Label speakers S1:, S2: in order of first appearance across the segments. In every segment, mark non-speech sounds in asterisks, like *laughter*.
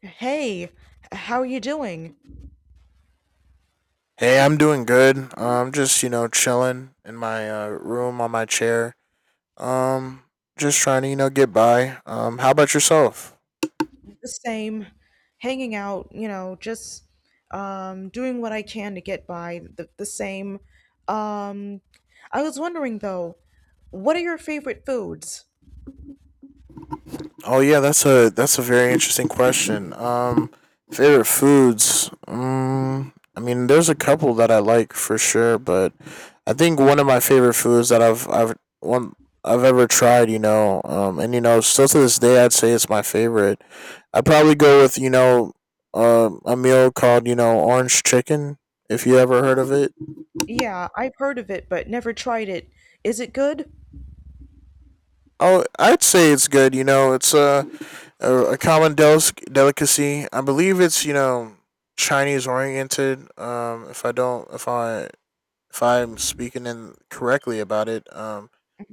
S1: Hey, how are you doing?
S2: Hey, I'm doing good. I'm just, you know, chilling in my room on my chair. Um, just trying to, you know, get by. How about yourself?
S1: The same, hanging out, you know, just doing what I can to get by. The same. Um, I was wondering though, what are your favorite foods?
S2: Oh yeah, that's a very interesting question. Favorite foods. I mean, there's a couple that I like for sure, but I think one of my favorite foods that one I've ever tried, you know, and you know, still to this day, I'd say it's my favorite. I'd probably go with, you know, a meal called, you know, orange chicken if you ever heard of it.
S1: Yeah, I've heard of it, but never tried it. Is it good?
S2: Oh, I'd say it's good. You know, it's a common delicacy. I believe it's, you know, Chinese oriented. If I if I'm speaking in correctly about it.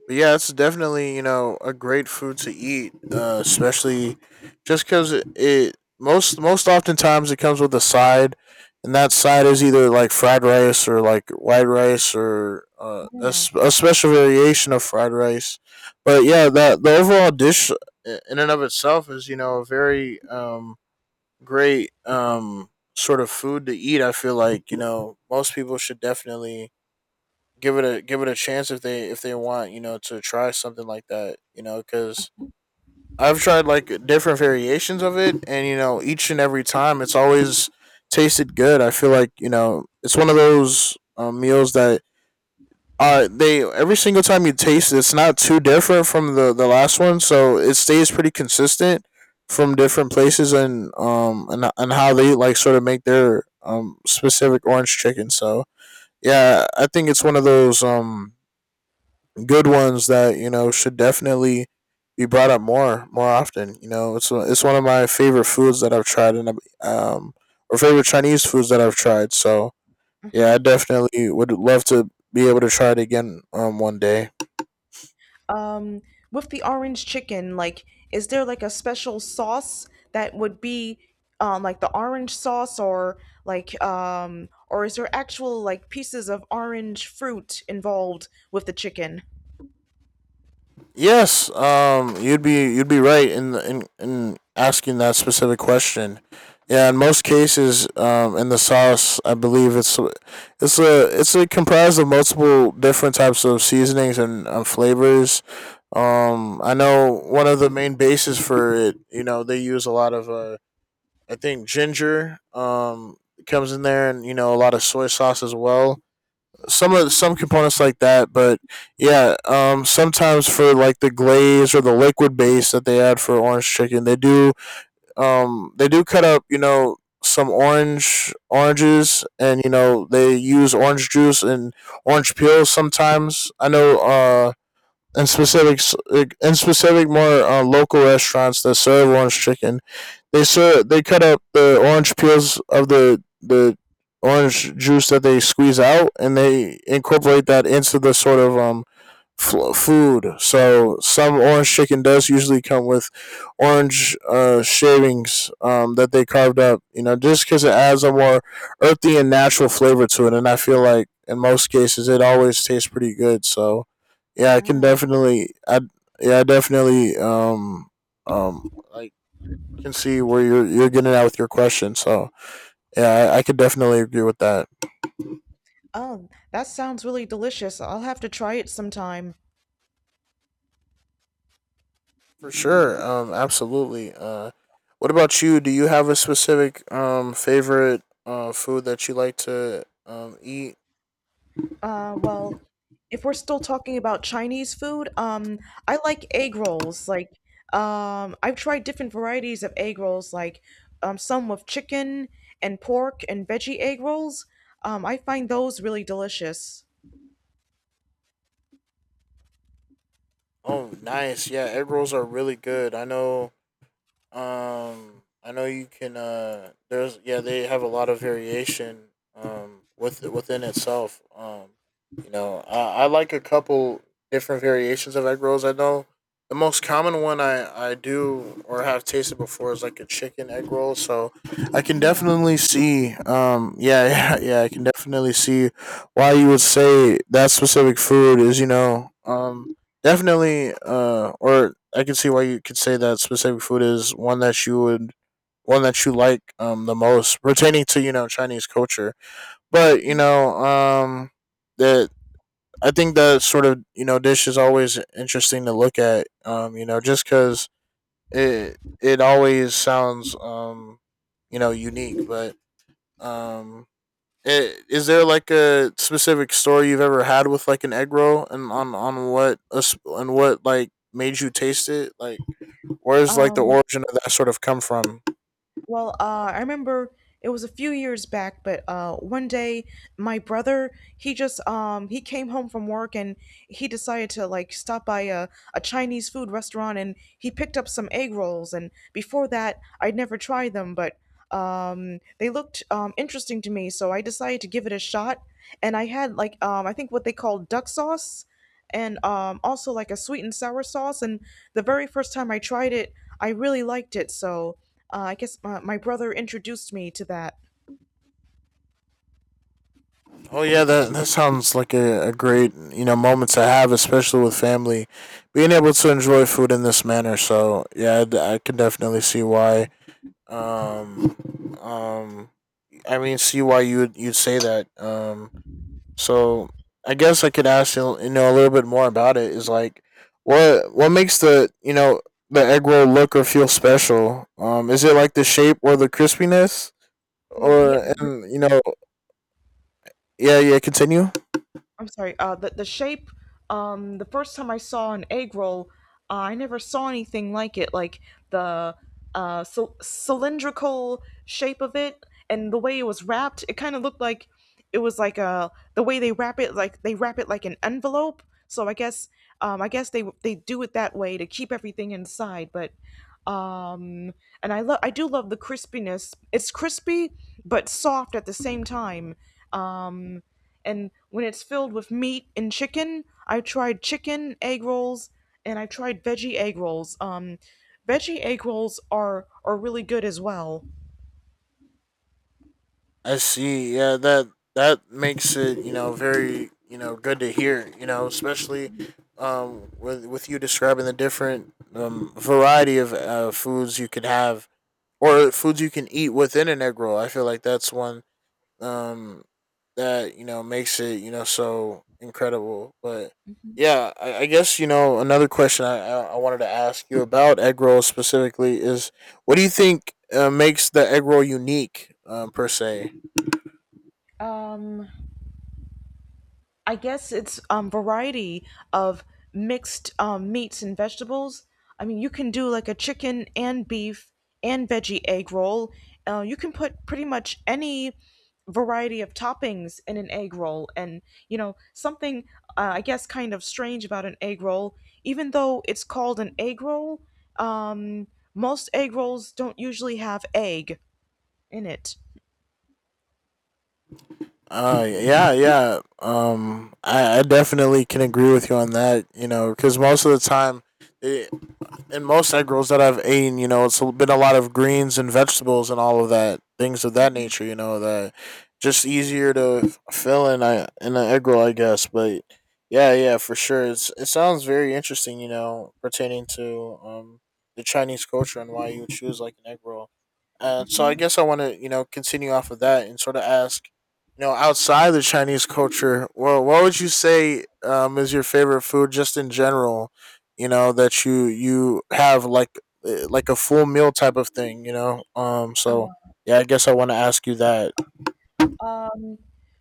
S2: But yeah, it's definitely, you know, a great food to eat, especially just because it most oftentimes it comes with a side, and that side is either like fried rice or like white rice or
S1: Yeah.
S2: a special variation of fried rice. But yeah, that the overall dish in and of itself is, you know, a very, great, sort of food to eat. I feel like, you know, most people should definitely give it a chance if they, if they want, you know, to try something like that, you know, because I've tried like different variations of it, and you know, each and every time it's always tasted good. I feel like, you know, it's one of those, meals that they, every single time you taste it, it's not too different from the last one, so it stays pretty consistent from different places, and and how they like sort of make their specific orange chicken. So yeah, I think it's one of those good ones that, you know, should definitely be brought up more often. You know, it's one of my favorite foods that I've tried, and, um, or favorite Chinese foods that I've tried. So yeah, I
S1: Uh-huh.
S2: definitely would love to be able to try it again one day.
S1: um with the orange chicken, like, is there like a special sauce that would be like the orange sauce, or like, or is there actual like pieces of orange fruit involved with the chicken?
S2: Yes, you'd be right in the, in asking that specific question. Yeah, in most cases, in the sauce, I believe it's a comprised of multiple different types of seasonings and, flavors. I know one of the main bases for it. You know, they use a lot of, I think, ginger. Comes in there, and you know, a lot of soy sauce as well, some components like that. But yeah, sometimes for like the glaze or the liquid base that they add for orange chicken, they do, they do cut up, you know, some orange oranges, and you know, they use orange juice and orange peels sometimes. I know and specific and specific, more, local restaurants that serve orange chicken. They cut up the orange peels of the orange juice that they squeeze out, and they incorporate that into the sort of food. So some orange chicken does usually come with orange, shavings, that they carved up. You know, just because it adds a more earthy and natural flavor to it, and I feel like in most cases it always tastes pretty good. So yeah, I can
S1: ah
S2: definitely, I yeah, I definitely, I can see where you're getting at with your question. So yeah, I could definitely agree with that.
S1: oh that sounds really delicious. I'll have to try it sometime.
S2: For sure. Absolutely. What about you? Do you have a specific favorite food that you like to eat?
S1: Well, if we're still talking about Chinese food, I like egg rolls. Like, I've tried different varieties of egg rolls, like, some with chicken and pork and veggie egg rolls. I find those really delicious.
S2: Oh, nice. Yeah, egg rolls are really good. I know. Um, I know you can. There's, yeah, they have a lot of variation, within itself. You know, I like a couple different variations of egg rolls. I know the most common one I do or have tasted before is like a chicken egg roll. So I can definitely see. Yeah, *laughs* yeah. I can definitely see why you would say that specific food is. You know, definitely, or I can see why you could say that specific food is one that you like the most, pertaining to, you know, Chinese culture. But you know, that I think that sort of, you know, dish is always interesting to look at. You know, just because it always sounds, you know, unique, but, um, is there like a specific story you've ever had with like an egg roll, and on what and what like made you taste it? Like, where's like the
S1: Um,
S2: origin of that sort of come from?
S1: Well, I remember it was a few years back, but one day my brother, he just he came home from work, and he decided to like stop by a Chinese food restaurant, and he picked up some egg rolls. And before that I'd never tried them, but they looked interesting to me, so I decided to give it a shot. And I had like, I think what they call duck sauce, and also like a sweet and sour sauce. And the very first time I tried it, I really liked it. So, I guess my brother introduced me to that.
S2: Oh yeah, that that sounds like a great, you know, moment to have, especially with family, being able to enjoy food in this manner. So yeah, I can definitely see why. Um, um, I mean, see why you'd say that. So I guess I could ask you, you know, a little bit more about it. Is like, what makes the, you know, the egg roll look or feel special? Is it like the shape or the crispiness,
S1: Well, yeah,
S2: or and you know, yeah, yeah. Continue.
S1: I'm sorry. The shape. The first time I saw an egg roll, I never saw anything like it. Like, the cylindrical shape of it, and the way it was wrapped, it kind of looked like it was like a the way they wrap it. Like, they wrap it like an envelope. So I guess, I guess they do it that way to keep everything inside. But um, and I do love the crispiness. It's crispy but soft at the same time. Um, and when it's filled with meat and chicken, I tried chicken egg rolls and I tried veggie egg rolls. Veggie egg rolls are really good as well.
S2: I see. Yeah, that makes it, you know, very, you know, good to hear. You know, especially, with you describing the different, variety of, foods you could have or foods you can eat within an egg roll. I feel like that's one, um, that, you know, makes it, you know, so incredible. But yeah, I guess, you know, another question I wanted to ask you about egg rolls specifically is, what do you think, makes the egg roll unique, per se?
S1: Um, I guess it's variety of mixed meats and vegetables. I mean, you can do like a chicken and beef and veggie egg roll. You can put pretty much any variety of toppings in an egg roll, and you know something, I guess, kind of strange about an egg roll, even though it's called an egg roll. Um, Most egg rolls don't usually have egg in it.
S2: Yeah, yeah. I definitely can agree with you on that. You know, because most of the time, they, in most egg rolls that I've eaten, you know, it's been a lot of greens and vegetables and all of that, things of that
S1: Mhm.
S2: nature. You know, that just easier to fill in a in an egg roll, I guess. But yeah, yeah, for sure. It sounds very interesting. You know, pertaining to the Chinese culture and why you would choose like an egg roll. So I guess I want to, you know, continue off of that and sort of ask. You know, outside the Chinese culture, well, what would you say, is your favorite food just in general? You know, that you have like, like a full meal type of thing, you know, so yeah, I guess I want to ask you that.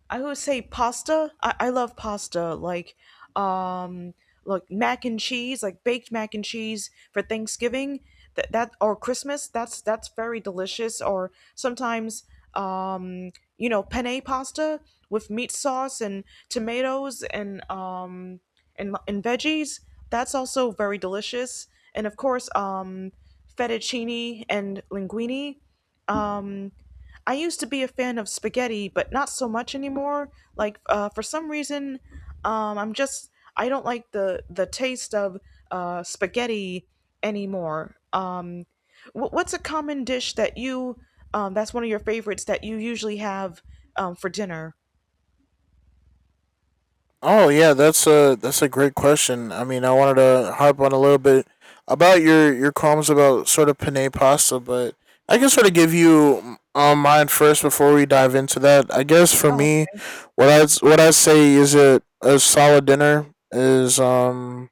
S1: I would say pasta. I love pasta. Um, like mac and cheese, like baked mac and cheese for Thanksgiving. That or Christmas. That's very delicious. Or sometimes, um, you know, penne pasta with meat sauce and tomatoes and and veggies. That's also very delicious. And of course, fettuccine and linguine. Um, I used to be a fan of spaghetti, but not so much anymore. Like, for some reason, um, I'm just I don't like the taste of spaghetti anymore. What's a common dish that you, that's one of your favorites that you usually have, for dinner?
S2: Oh yeah, that's a great question. I mean, I wanted to harp on a little bit about your comments about sort of penne pasta, but I can sort of give you mine first before we dive into that. I guess for me, what I say is it a solid dinner is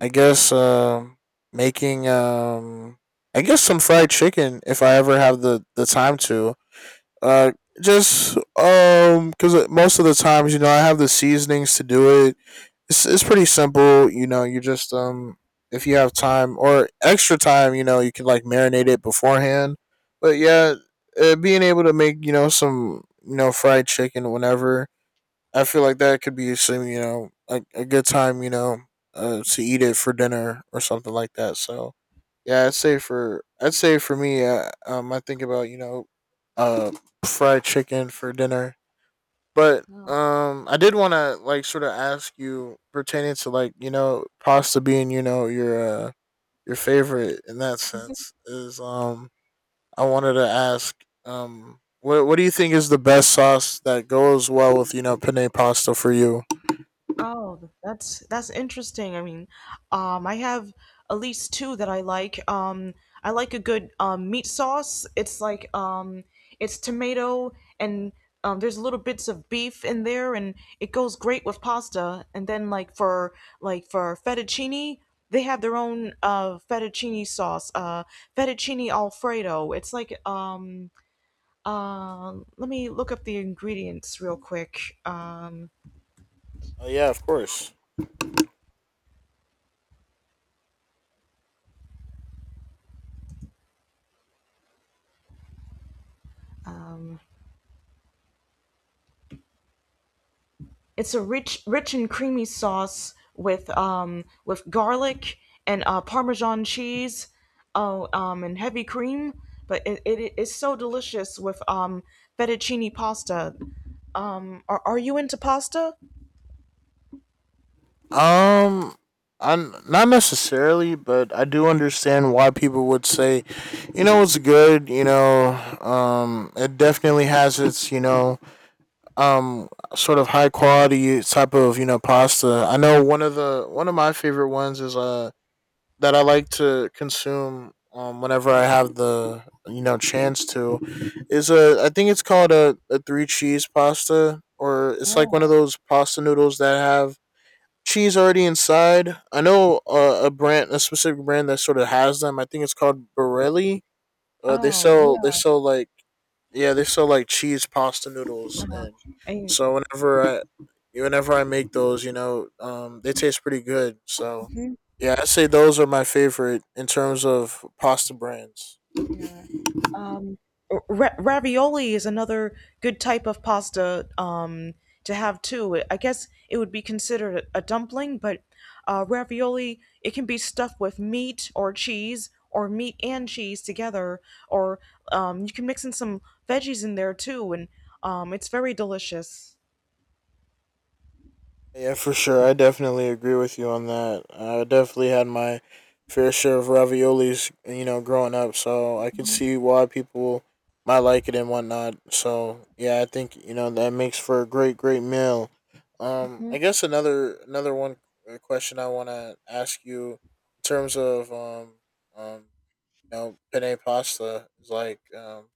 S2: I guess um making I guess some fried chicken if I ever have the time to. Uh just cuz most of the times, you know, I have the seasonings to do it. It's pretty simple. You know, you just, if you have time or extra time, you know, you can like marinate it beforehand. But yeah, being able to make, you know, some, you know, fried chicken whenever, I feel like that could be some, you know, a good time, you know, to eat it for dinner or something like that. So yeah, I'd say for me, I think about, you know, uh, fried chicken for dinner. But I did want to like sort of ask you pertaining to like, you know, pasta being, you know, your, your favorite in that sense. Is I wanted to ask, what do you think is the best sauce that goes well with, you know, penne pasta for you?
S1: Oh, that's interesting. I mean, I have at least two that I like. I like a good, meat sauce. It's like, it's tomato and, there's little bits of beef in there, and it goes great with pasta. And then like for, like for fettuccine, they have their own fettuccine sauce, fettuccine alfredo. It's like, uh, let me look up the ingredients real quick. Um,
S2: Oh yeah, of course.
S1: It's a rich, rich and creamy sauce with, with garlic and, Parmesan cheese, oh and heavy cream. But it is so delicious with fettuccine pasta. Are you into pasta?
S2: Um, I am not necessarily, but I do understand why people would say, you know, it's good. You know, it definitely has its, you know, um sort of high quality type of, you know, pasta. I know one of my favorite ones is that I like to consume, whenever I have the, you know, chance to is a, I think it's called a three cheese pasta, or it's like one of
S1: Oh
S2: those pasta noodles that have cheese already inside. I know, a specific brand that sort of has them. I think it's called Borelli. They
S1: oh,
S2: sell they
S1: yeah.
S2: sell like yeah, they sell like cheese pasta noodles,
S1: Uh,
S2: and
S1: I,
S2: so whenever I, whenever I make those, they taste pretty good. So, yeah, I would say those are my favorite in terms of pasta brands.
S1: yeah. Ravioli is another good type of pasta, to have too. I guess it would be considered a dumpling, but ravioli, it can be stuffed with meat or cheese or meat and cheese together, or, you can mix in some veggies in there too, and, it's very delicious.
S2: Yeah, for sure. I definitely agree with you on that. I definitely had my fair share of raviolis, you know, growing up, so I could see why people might like it and whatnot. So yeah, I think you know that makes for a great, great meal. I guess another one question I want to ask you in terms of um you know penne pasta is like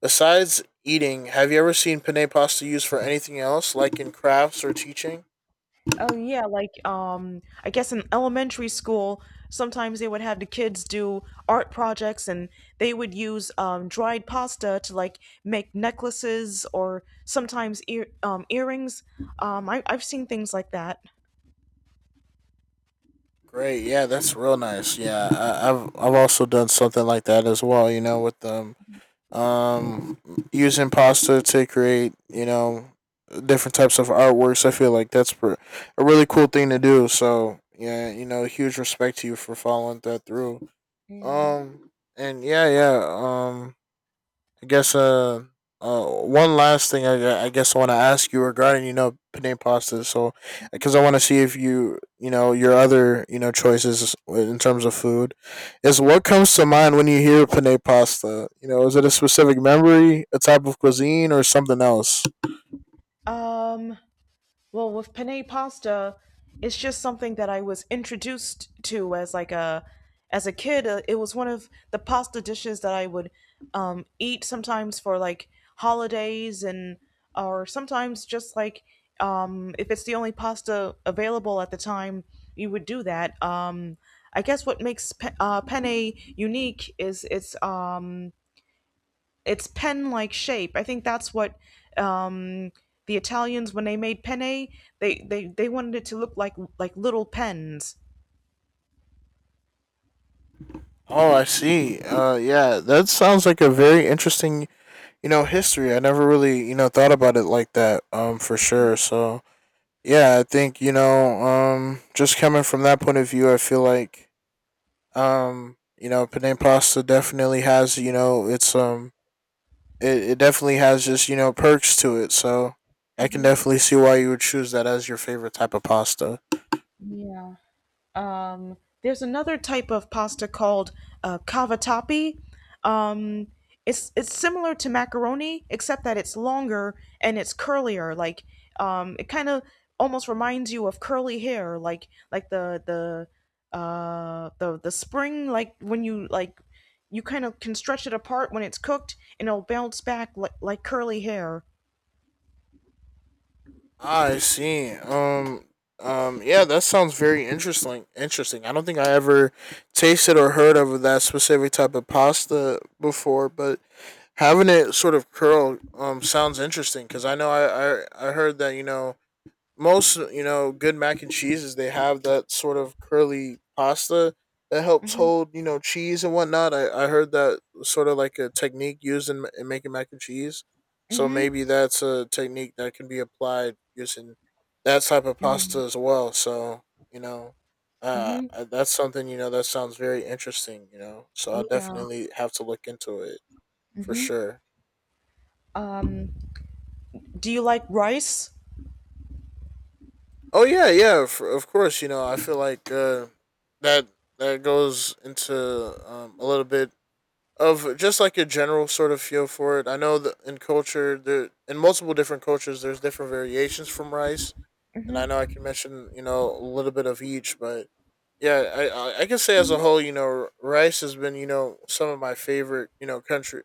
S2: besides eating, have you ever seen penne pasta used for anything else, like in crafts or teaching?
S1: Oh yeah, like, I guess in elementary school, sometimes they would have the kids do art projects, and they would use dried pasta to like make necklaces or sometimes earrings. I've seen things like that.
S2: Great. Yeah, that's real nice. Yeah, I've also done something like that as well. You know, with them um using pasta to create you know different types of artworks. I feel like a really cool thing to do. So yeah, you know, huge respect to you for following that through.
S1: Yeah.
S2: Um and yeah, yeah. I guess one last thing I guess I want to ask you regarding you know penne pasta. So because I want to see if you know your other you know choices in terms of food is what comes to mind when you hear penne pasta? You know, is it a specific memory, a type of cuisine, or something else?
S1: Um Well, with penne pasta, it's just something that I was introduced to as like a, as a kid. It was one of the pasta dishes that I would, eat sometimes for like holidays, and or sometimes just like, if it's the only pasta available at the time, you would do that. I guess what makes penne unique is it's its pen-like shape. I think that's what, um, the Italians, when they made penne, they wanted it to look like little pens.
S2: Oh, I see. Yeah, that sounds like a very interesting, you know, history. I never really, you know, thought about it like that. For sure. So, yeah, I think you know, just coming from that point of view, I feel like, you know, penne pasta definitely has, you know, it's it definitely has just you know perks to it. So I can
S1: Hmm.
S2: definitely see why you would choose that as your favorite type of pasta.
S1: Yeah. Um, there's another type of pasta called, cavatappi. Um, it's similar to macaroni, except that it's longer and it's curlier. Like, it kind of almost reminds you of curly hair, like the spring, like when you like, you kind of can stretch it apart when it's cooked, and it'll bounce back like curly hair.
S2: I see. Yeah, that sounds very interesting. Interesting. I don't think I ever tasted or heard of that specific type of pasta before, but having it sort of curled sounds interesting because I know I heard that you know most you know good mac and cheeses they have that sort of curly pasta that helps
S1: Mhm.
S2: hold you know cheese and whatnot. I heard that was sort of like a technique used in making mac and cheese. So
S1: Mhm.
S2: maybe that's a technique that can be applied using that type of
S1: Mhm.
S2: pasta as well. So you know,
S1: Mhm.
S2: that's something you know that sounds very interesting. You know, so I'll
S1: Yeah.
S2: definitely have to look into it for
S1: Mhm.
S2: sure.
S1: Um, do you like rice?
S2: Oh yeah, yeah, f of course. You know, I feel like that that goes into a little bit of just like your general sort of feel for it. I know that there in multiple different cultures, there's different variations from rice, and I know I can mention you know a little bit of each, but yeah, I can say as a whole, you know, rice has been you know some of my favorite you know country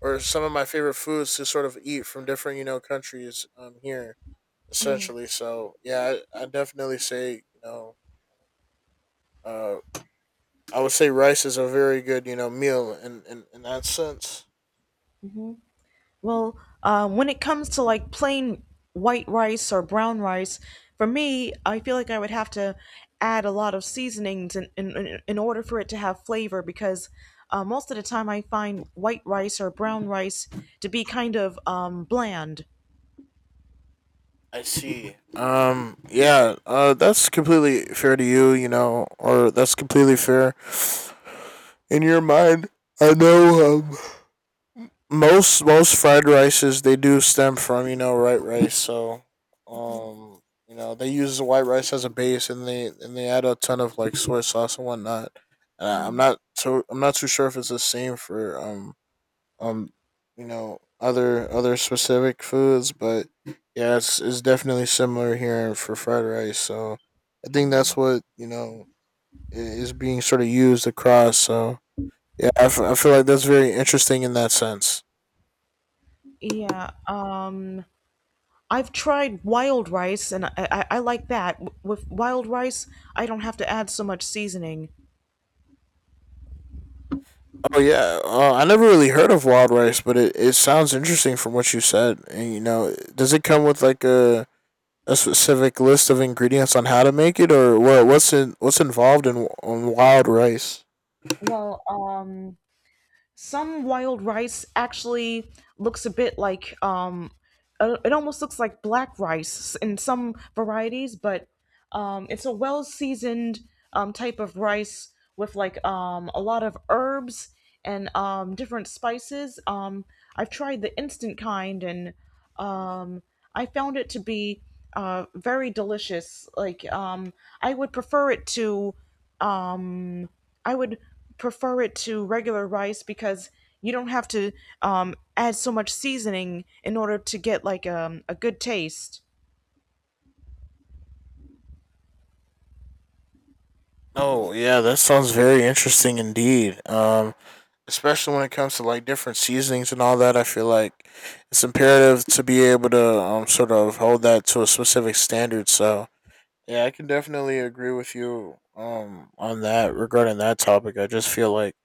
S2: or some of my favorite foods to sort of eat from different you know countries here essentially. So yeah, I definitely say you know uh, I would say rice is a very good you know meal in that sense.
S1: Well, when it comes to like plain white rice or brown rice, for me, I feel like I would have to add a lot of seasonings in order for it to have flavor because, most of the time I find white rice or brown rice to be kind of, bland.
S2: I see. Yeah. That's completely fair to you. You know, or that's completely fair in your mind. I know. Um, most fried rices they do stem from you know white rice so um you know they use the white rice as a base and they add a ton of like soy sauce and whatnot I'm not too sure if it's the same for um you know other specific foods but yeah it's definitely similar here for fried rice so I think
S1: Yeah.
S2: that's what you know is being sort of used across so yeah I feel like that's very interesting in that sense.
S1: Yeah, I've tried wild rice, and I like that. With wild rice, I don't have to add so much seasoning.
S2: Oh yeah, I never really heard of wild rice, but it sounds interesting from what you said. And you know, does it come with like a specific list of ingredients on how to make it, or what's in, what's involved in on wild rice?
S1: Well, some wild rice actually looks a bit like, it almost looks like black rice in some varieties, but, it's a well seasoned, type of rice with like, a lot of herbs and, different spices. I've tried the instant kind, and, um, I found it to be, very delicious. Like, I would prefer it to um, I would prefer it to regular rice because you don't have to, add so much seasoning in order to get like, a good taste.
S2: Oh yeah, that sounds very interesting indeed. Especially when it comes to like different seasonings and all that. I feel like it's imperative to be able to sort of hold that to a specific standard. So yeah, I can definitely agree with you on that regarding that topic. I just feel like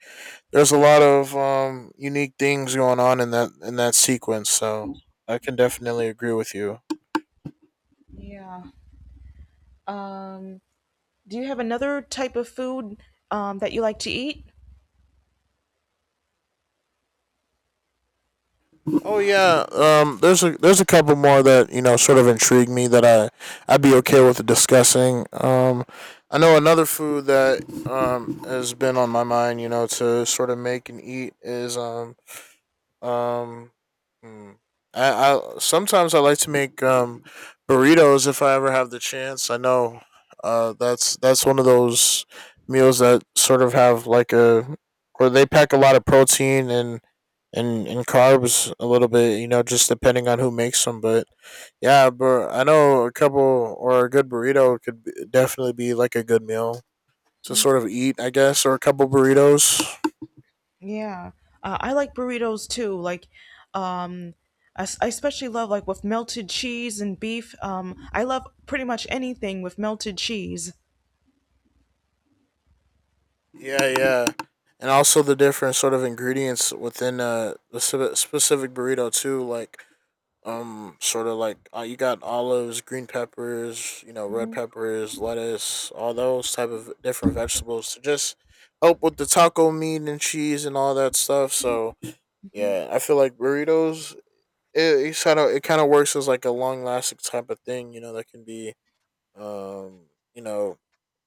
S2: there's a lot of unique things going on in that sequence. So I can definitely agree with you.
S1: Yeah. Um, do you have another type of food, that you like to eat?
S2: Oh yeah, there's a couple more that you know sort of intrigue me that I I'd be okay with discussing. I know another food that has been on my mind, you know, to sort of make and eat is um, hmm. I sometimes I like to make burritos if I ever have the chance. I know, that's one of those meals that sort of have like a where they pack a lot of protein and and carbs a little bit. You know, just depending on who makes them. But yeah, but I know a couple or a good burrito could be, definitely be like a good meal to sort of eat. I guess or a couple burritos.
S1: Yeah. I like burritos too. Like, um, I especially love like with melted cheese and beef. I love pretty much anything with melted cheese.
S2: Yeah, yeah, and also the different sort of ingredients within the specific burrito too, like sort of like you got olives, green peppers, you know, red peppers, lettuce, all those type of different vegetables to just help with the taco meat and cheese and all that stuff. So yeah, I feel like burritos. It kind of works as like a long lasting type of thing, you know. That can be, um, you know,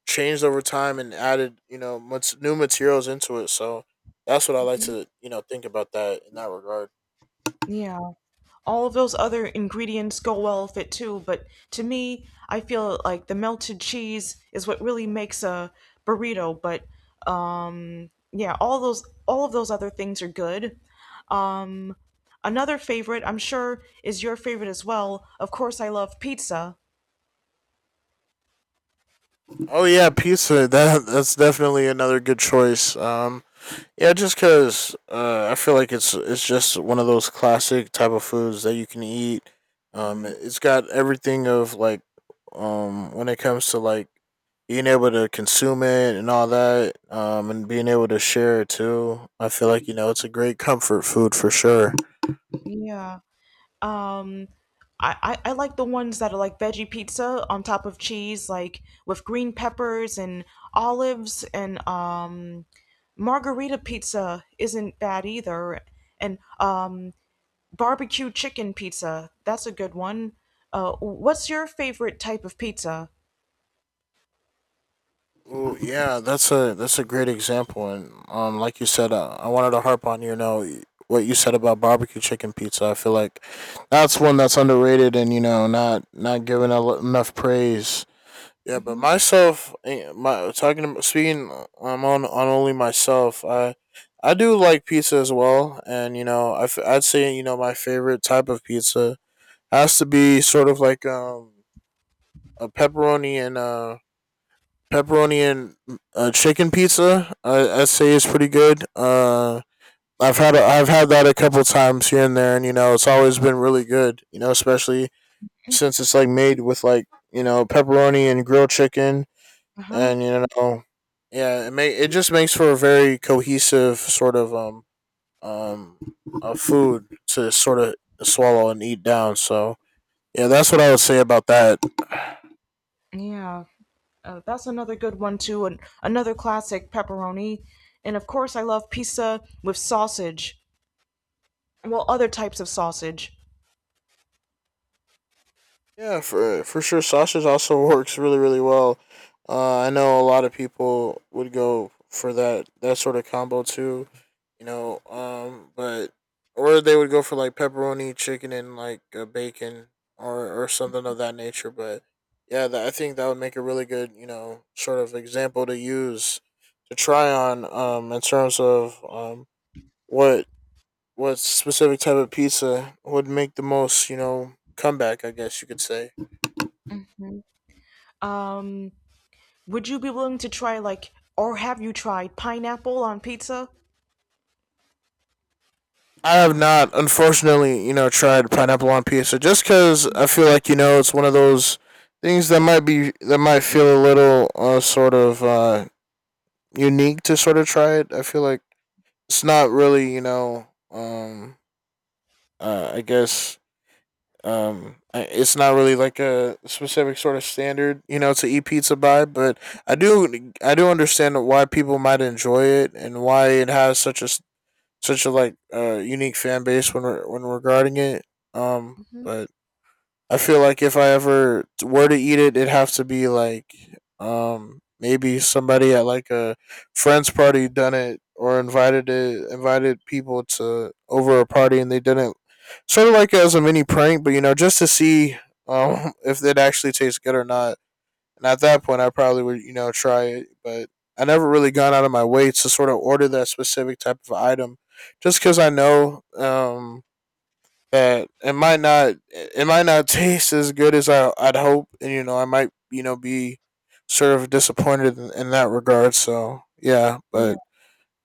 S2: changed over time and added you know much new materials into it. So that's what I like to you know think about that in that regard.
S1: Yeah. All of those other ingredients go well with it too, but to me, I feel like the melted cheese is what really makes a burrito, but, um, yeah, all of those other things are good. Um Another favorite, I'm sure, is your favorite as well. Of course, I love pizza.
S2: Oh yeah, pizza. That that's definitely another good choice. Yeah, just because I feel like it's just one of those classic type of foods that you can eat.
S1: Hmm.
S2: It's got everything of like when it comes to like being able to consume it and all that and being able to share it too I feel like you know it's a great comfort food for sure.
S1: Yeah. Um, I like the ones that are like veggie pizza on top of cheese, like with green peppers and olives, and, margarita pizza isn't bad either. And, barbecue chicken pizza, that's a good one. What's your favorite type of pizza?
S2: Well, yeah, that's a great example, and like you said, I wanted to harp on you know what you said about barbecue chicken pizza. I feel like that's one that's underrated, and you know not given enough praise. Yeah, but
S1: Hmm.
S2: myself, eh, my talking about speaking, I'm on only myself. I do like pizza as well, and you know I would say you know my favorite type of pizza has to be sort of like a pepperoni and pepperoni and chicken pizza. I say is pretty good. I've had that a couple times here and there, and you know it's always been really good. You know, especially since it's like made with like you know pepperoni and grilled chicken,
S1: Uh-huh.
S2: and you know, yeah, it just makes for a very cohesive sort of um a food to sort of swallow and eat down. So yeah, that's what I would say about that.
S1: Yeah. That's another good one too, and another classic, pepperoni. And of course, I love pizza with sausage. Well, other types of sausage.
S2: Yeah, for sure. Sausage also works really really well. I know a lot of people would go for that sort of combo too. You know, but or they would go for like pepperoni, chicken, and like bacon or something of that nature. But yeah, I think that would make a really good you know sort of example to use to try on in terms of what what specific type of pizza would make the most you know comeback. I guess you could say.
S1: Um, would you be willing to try, like, or have you tried pineapple on pizza?
S2: I have not, unfortunately, you know, tried pineapple on pizza just because I feel like you know it's one of those things that might be that might feel a little unique to sort of try it. I feel like it's not really, you know, I guess it's not really like a specific sort of standard, you know, to eat pizza by. But I do understand why people might enjoy it and why it has such such a like unique fan base when when regarding it. Um,
S1: Mhm.
S2: but I feel like if I ever were to eat it, it'd have to be like maybe somebody at like a friend's party done it or invited people to over a party and they didn't sort of like as a mini prank, but you know just to see *laughs* if it actually tastes good or not. And at that point, I probably would, you know, try it. But I never really gone out of my way to sort of order that specific type of item, just because I know that it might not *laughs* taste as good as I'd hope, and you know, I might, you know, be sort of disappointed in that regard. So yeah,
S1: Yeah.
S2: but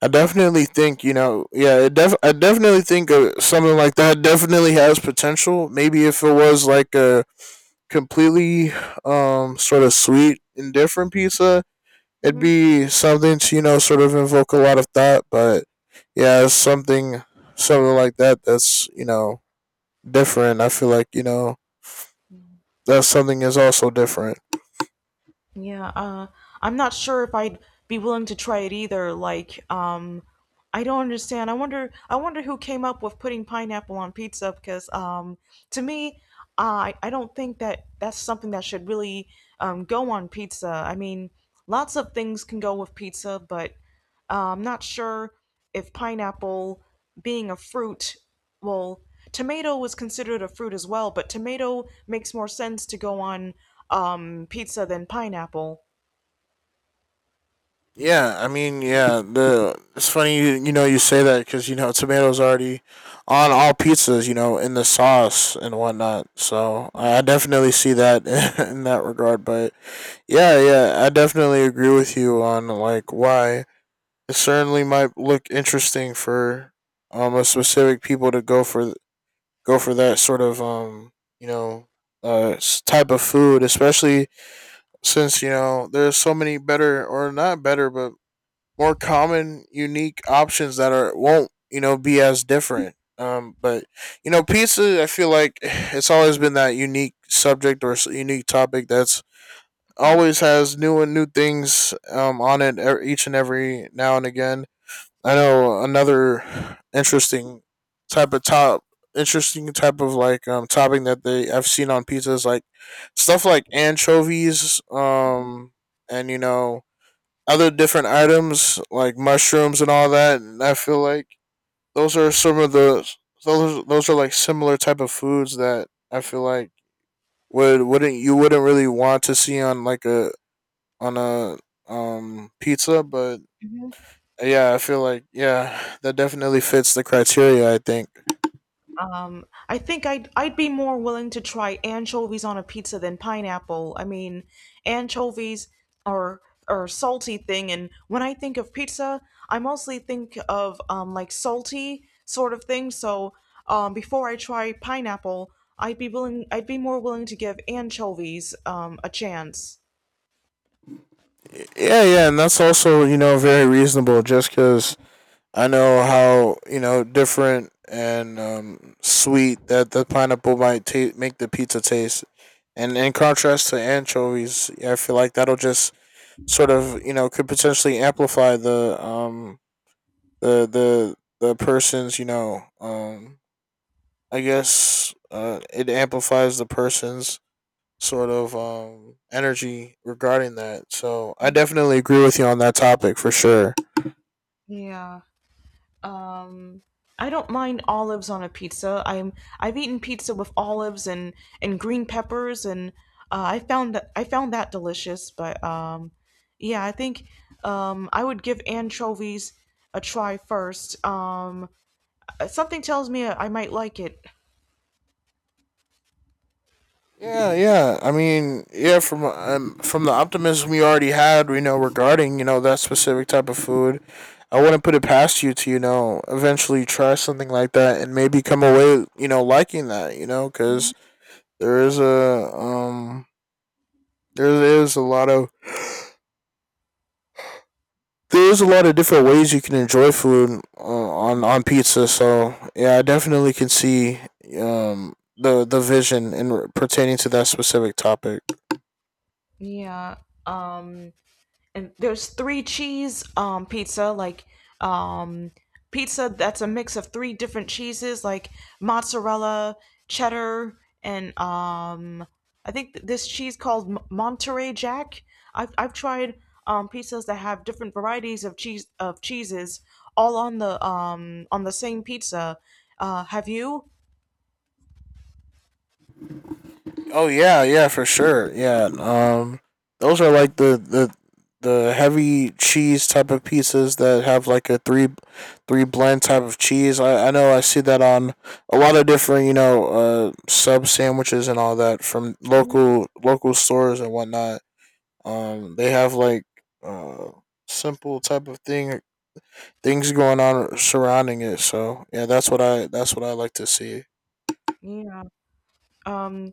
S2: I definitely think you know, yeah, I definitely think something like that definitely has potential. Maybe if it was like a completely sort of sweet and different pizza, it'd
S1: Mhm.
S2: be something to you know sort of invoke a lot of thought. But yeah, something like that that's you know different. I feel like you know that's something is also different.
S1: Yeah, I'm not sure if I'd be willing to try it either. Like, I don't understand. I wonder who came up with putting pineapple on pizza because, to me, I don't think that that's something that should really, go on pizza. I mean, lots of things can go with pizza, but, I'm not sure if pineapple, being a fruit, well, tomato was considered a fruit as well, but tomato makes more sense to go on, pizza than pineapple.
S2: Yeah, I mean, yeah. The It's funny you know you say that because you know tomatoes already on all pizzas, you know, in the sauce and whatnot. So I definitely see that *laughs* in that regard. But yeah, yeah, I definitely agree with you on like why it certainly might look interesting for a specific people to go for that sort of you know type of food, especially since you know there's so many better or not better but more common, unique options that are won't you know be as different. But you know, pizza. I feel like *sighs* it's always been that unique subject or unique topic that's
S1: Mhm.
S2: always has new and new things on it each and every now and again. I know another type of top, interesting type of like topping that they I've seen on pizza is like stuff like anchovies, and you know other different items like mushrooms and all that. And I feel like those are some of the those are like similar type of foods that I feel like wouldn't you wouldn't really want to see on like a pizza, but yeah, I feel like yeah, that definitely fits the criteria. I think
S1: I think I'd be more willing to try anchovies on a pizza than pineapple. I mean, anchovies are are a salty thing, and when I think of pizza, I mostly think of, like salty sort of thing. So, before I try pineapple, I'd be more willing to give anchovies, a chance.
S2: yeah, yeah, and that's also you know very reasonable just because I know how you know different and sweet that the pineapple might make the pizza taste, and in contrast to anchovies, yeah, I feel like that'll just sort of you know could potentially amplify the the person's you know I guess it amplifies the person's sort of energy regarding that. So I definitely agree with you on that topic for sure.
S1: Yeah. Um I don't mind olives on a pizza. I've eaten pizza with olives and green peppers and, I found that delicious, but, yeah, I think, I would give anchovies a try first. Something tells me I might like it.
S2: Yeah, yeah. I mean, yeah. From the optimism we already had, we know regarding you know that specific type of food, I wouldn't put it past you to you know eventually try something like that and maybe come away you know liking that you know because there is a um there is a lot of there is a lot of different ways you can enjoy food on pizza. So yeah, I definitely can see the vision in pertaining to that specific topic.
S1: Yeah. Um and there's three cheese pizza, like, um pizza that's a mix of three different cheeses, like mozzarella, cheddar, and this cheese called Monterey Jack. I've tried, pizzas that have different varieties of cheeses all on the same pizza, have you?
S2: Oh yeah, yeah, for sure. Yeah. Those are like the the heavy cheese type of pizzas that have like a three blend type of cheese. I know I see that on a lot of different, you know, sub sandwiches and all that from local stores and whatnot. They have like uh simple type of thing things going on surrounding it. So yeah, that's what I like to see.
S1: Yeah. um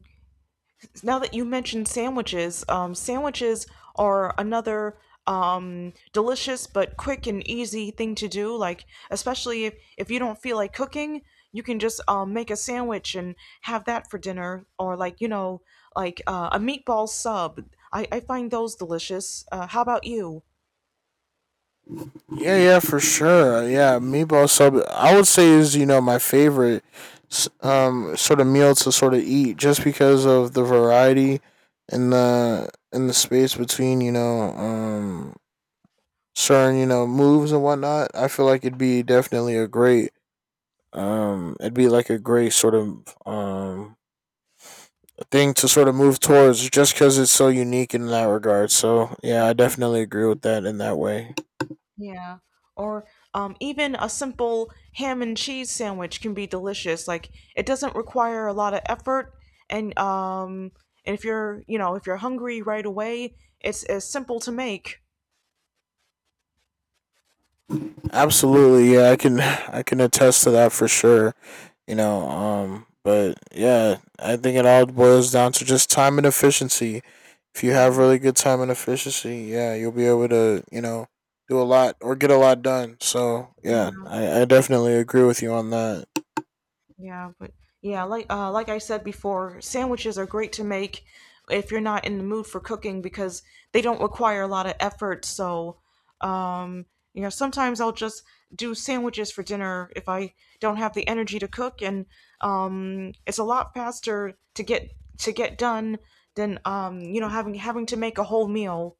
S1: Now that you mentioned sandwiches, sandwiches are another, delicious but quick and easy thing to do. Like, especially if you don't feel like cooking, you can just, make a sandwich and have that for dinner, or, like, you know, like, a meatball sub. I find those delicious. How about you?
S2: Yeah, yeah, for sure. Yeah, meatball sub. I would say is you know my favorite, sort of meal to sort of eat just because of the variety, and the space between you know certain you know moves and whatnot. I feel like it'd be like a great sort of thing to sort of move towards just because it's so unique in that regard. So yeah, I definitely agree with that in that way.
S1: Yeah. Or, even a simple ham and cheese sandwich can be delicious. Like, it doesn't require a lot of effort, and, if you're hungry right away, it's simple to make.
S2: Absolutely, yeah, I can attest to that for sure. You know but yeah I think it all boils down to just time and efficiency. If you have
S1: Yeah.
S2: really good time and efficiency, yeah, you'll be able to you know do a lot or get a lot done. So yeah,
S1: Yeah.
S2: I definitely agree with you on that.
S1: Yeah, but yeah, like, like I said before, sandwiches are great to make if you're not in the mood for cooking because they don't require a lot of effort. So, um, you know, sometimes I'll just do sandwiches for dinner if I don't have the energy to cook, and, it's a lot faster to get done than, you know, having to make a whole meal.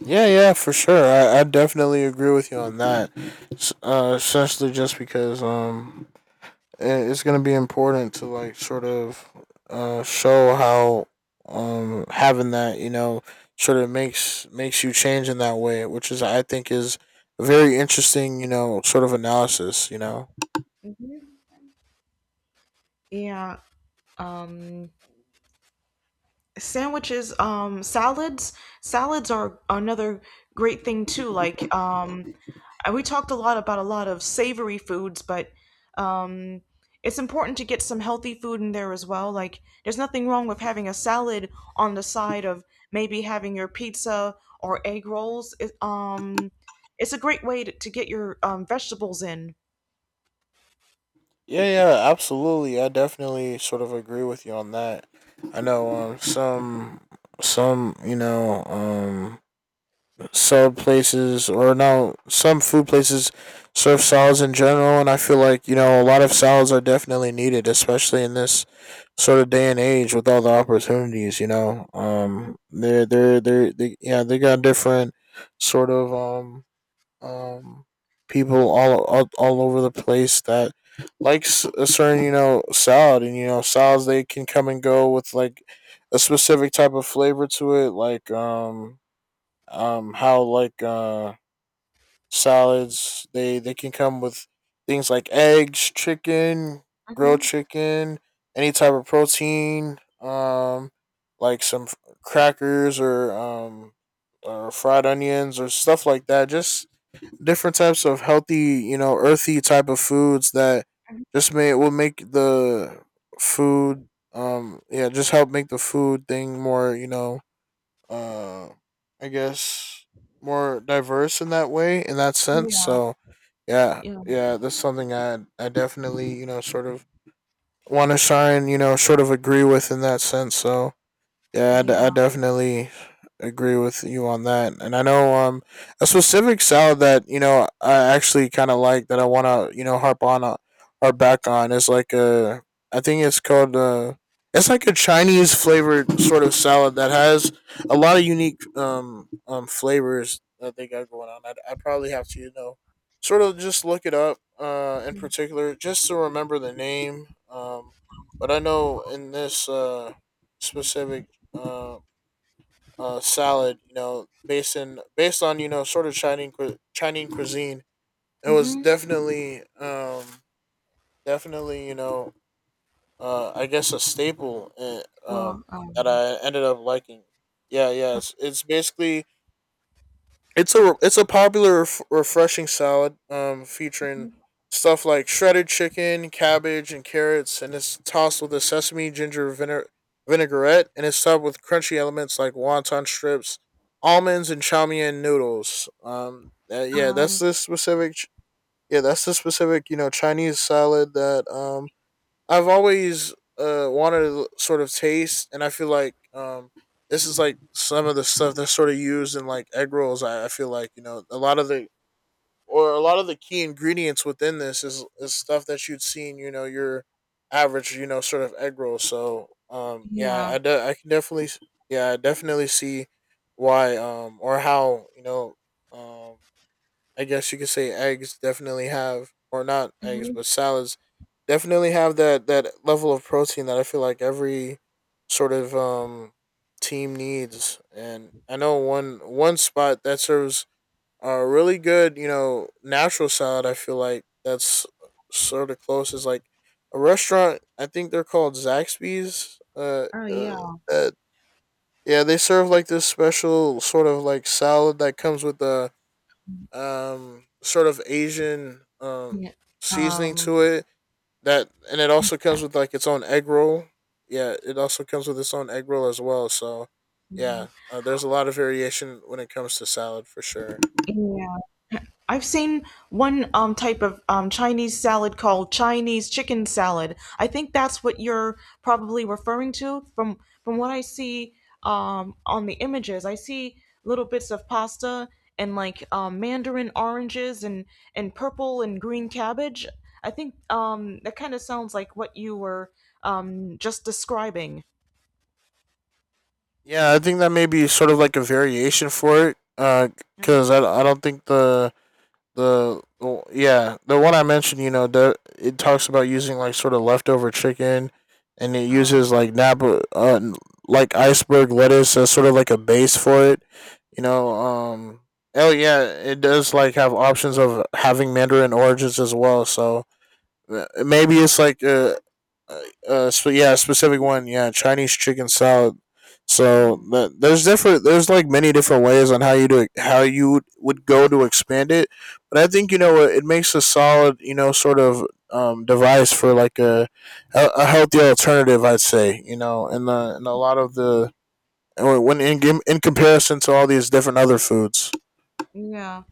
S2: Yeah, yeah, for sure. I definitely agree with you on that. Essentially just because it's gonna be important to like sort of show how having that you know sort of makes you change in that way, which is I think is a very interesting you know sort of analysis. You know.
S1: Yeah. Um, Sandwiches, salads, salads are another great thing too, like, we talked a lot about a lot of savory foods, but, um it's important to get some healthy food in there as well, like there's nothing wrong with having a salad on the side of maybe having your pizza or egg rolls. It's a great way to get your, vegetables in.
S2: Yeah, yeah, absolutely. I definitely sort of agree with you on that. I know some you know sub places or now some food places serve salads in general, and I feel like you know a lot of salads are definitely needed, especially in this sort of day and age with all the opportunities you know
S1: Hmm.
S2: yeah they got different sort of um people all over the place that likes a certain you know salad. And you know salads, they can come and go with like a specific type of flavor to it, like how like salads, they can come with things like eggs, chicken, grilled
S1: Hmm.
S2: chicken, any type of protein, like crackers, or fried onions, or stuff like that, just different types of healthy you know earthy type of foods that just may will make the food yeah just help make the food thing more you know uh, I guess more diverse in that way, in that sense.
S1: Yeah.
S2: So yeah,
S1: Yeah.
S2: yeah, that's something I definitely you know sort of want to sign you know sort of agree with in that sense. So yeah,
S1: Yeah.
S2: I definitely agree with you on that. And I know a specific salad that you know I actually kind of like that I want to you know harp back on is like a I think it's called it's like a Chinese flavored sort of salad that has a lot of unique flavors that they got going on. I probably have to you know sort of just look it up in particular just to remember the name. But I know in this specific uh, salad. You know, based on you know sort of Chinese cuisine. It was
S1: Hmm.
S2: definitely definitely you know I guess a staple
S1: Well,
S2: that I ended up liking. Yeah, yeah.
S1: uh,
S2: It's a popular refreshing salad featuring stuff like shredded chicken, cabbage, and carrots, and it's tossed with a sesame ginger vinaigrette, and it's topped with crunchy elements like wonton strips, almonds, and chow mein noodles. Yeah, that's
S1: um,
S2: the specific. Yeah, that's the specific you know Chinese salad that I've always wanted to sort of taste, and I feel like this is like some of the stuff that's sort of used in like egg rolls. I feel like you know a lot of the key ingredients within this is stuff that you'd seen you know your average you know sort of egg roll. So yeah,
S1: yeah.
S2: I can definitely yeah I definitely see why or how you know um I guess you could say eggs definitely have, or not eggs,
S1: Mhm.
S2: but salads definitely have that that level of protein that I feel like every sort of team needs. And I know one spot that serves a really good, you know, natural salad. I feel like that's sort of close is like a restaurant. I think they're called Zaxby's.
S1: Oh yeah.
S2: Uh yeah, they serve like this special sort of like salad that comes with a sort of Asian
S1: Yeah.
S2: seasoning
S1: Um,
S2: to it that and it also comes with like its own egg roll. Yeah, it also comes with its own egg roll as well. So yeah, there's a lot of variation when it comes to salad for sure.
S1: yeah. I've seen one, type of, Chinese salad called Chinese chicken salad. I think that's what you're probably referring to from what I see, on the images. I see little bits of pasta and like, mandarin oranges and purple and green cabbage. I think, that kind of sounds like what you were, just describing.
S2: Yeah, I think that may be sort of like a variation for it.
S1: Yeah.
S2: Because I don't think the yeah the one I mentioned, you know, the, it talks about using like sort of leftover chicken, and it
S1: Oh.
S2: uses like napa like iceberg lettuce as sort of like a base for it. You know, oh yeah, it does like have options of having mandarin oranges as well. So maybe it's like a, yeah, a specific one. Yeah, Chinese chicken salad. So
S1: Mhm.
S2: there's different. There's like many different ways on how you do how you would go to expand it. But I think you know it it makes a solid you know sort of device for like a healthy alternative. I'd say you know, and the and a lot of the or when in in comparison to all these different other foods.
S1: Yeah.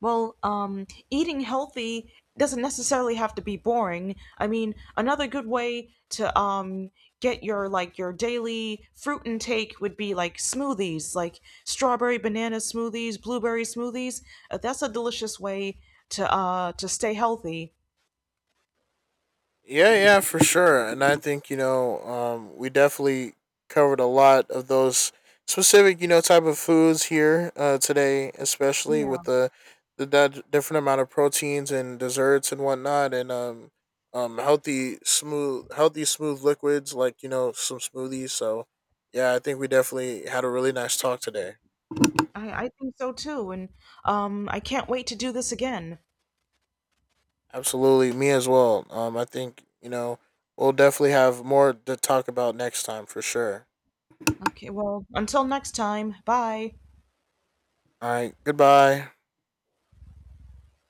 S1: Well, eating healthy doesn't necessarily have to be boring. I mean, another good way to, get your, like your daily fruit intake, would be like smoothies, like strawberry banana smoothies, blueberry smoothies. That's a delicious way to, to stay healthy.
S2: Yeah, yeah, for sure. And I think, you know, we definitely covered a lot of those specific, you know, type of foods here today, especially
S1: Yeah,
S2: with the that different amount of proteins and desserts and whatnot, and healthy, smooth liquids like, you know, some smoothies. So yeah, I think we definitely had a really nice talk today.
S1: I think so too, and, I can't wait to do this again.
S2: Absolutely. Me as well. I think, you know, we'll definitely have more to talk about next time for sure.
S1: Okay, well, until next time, bye.
S2: All right. Goodbye.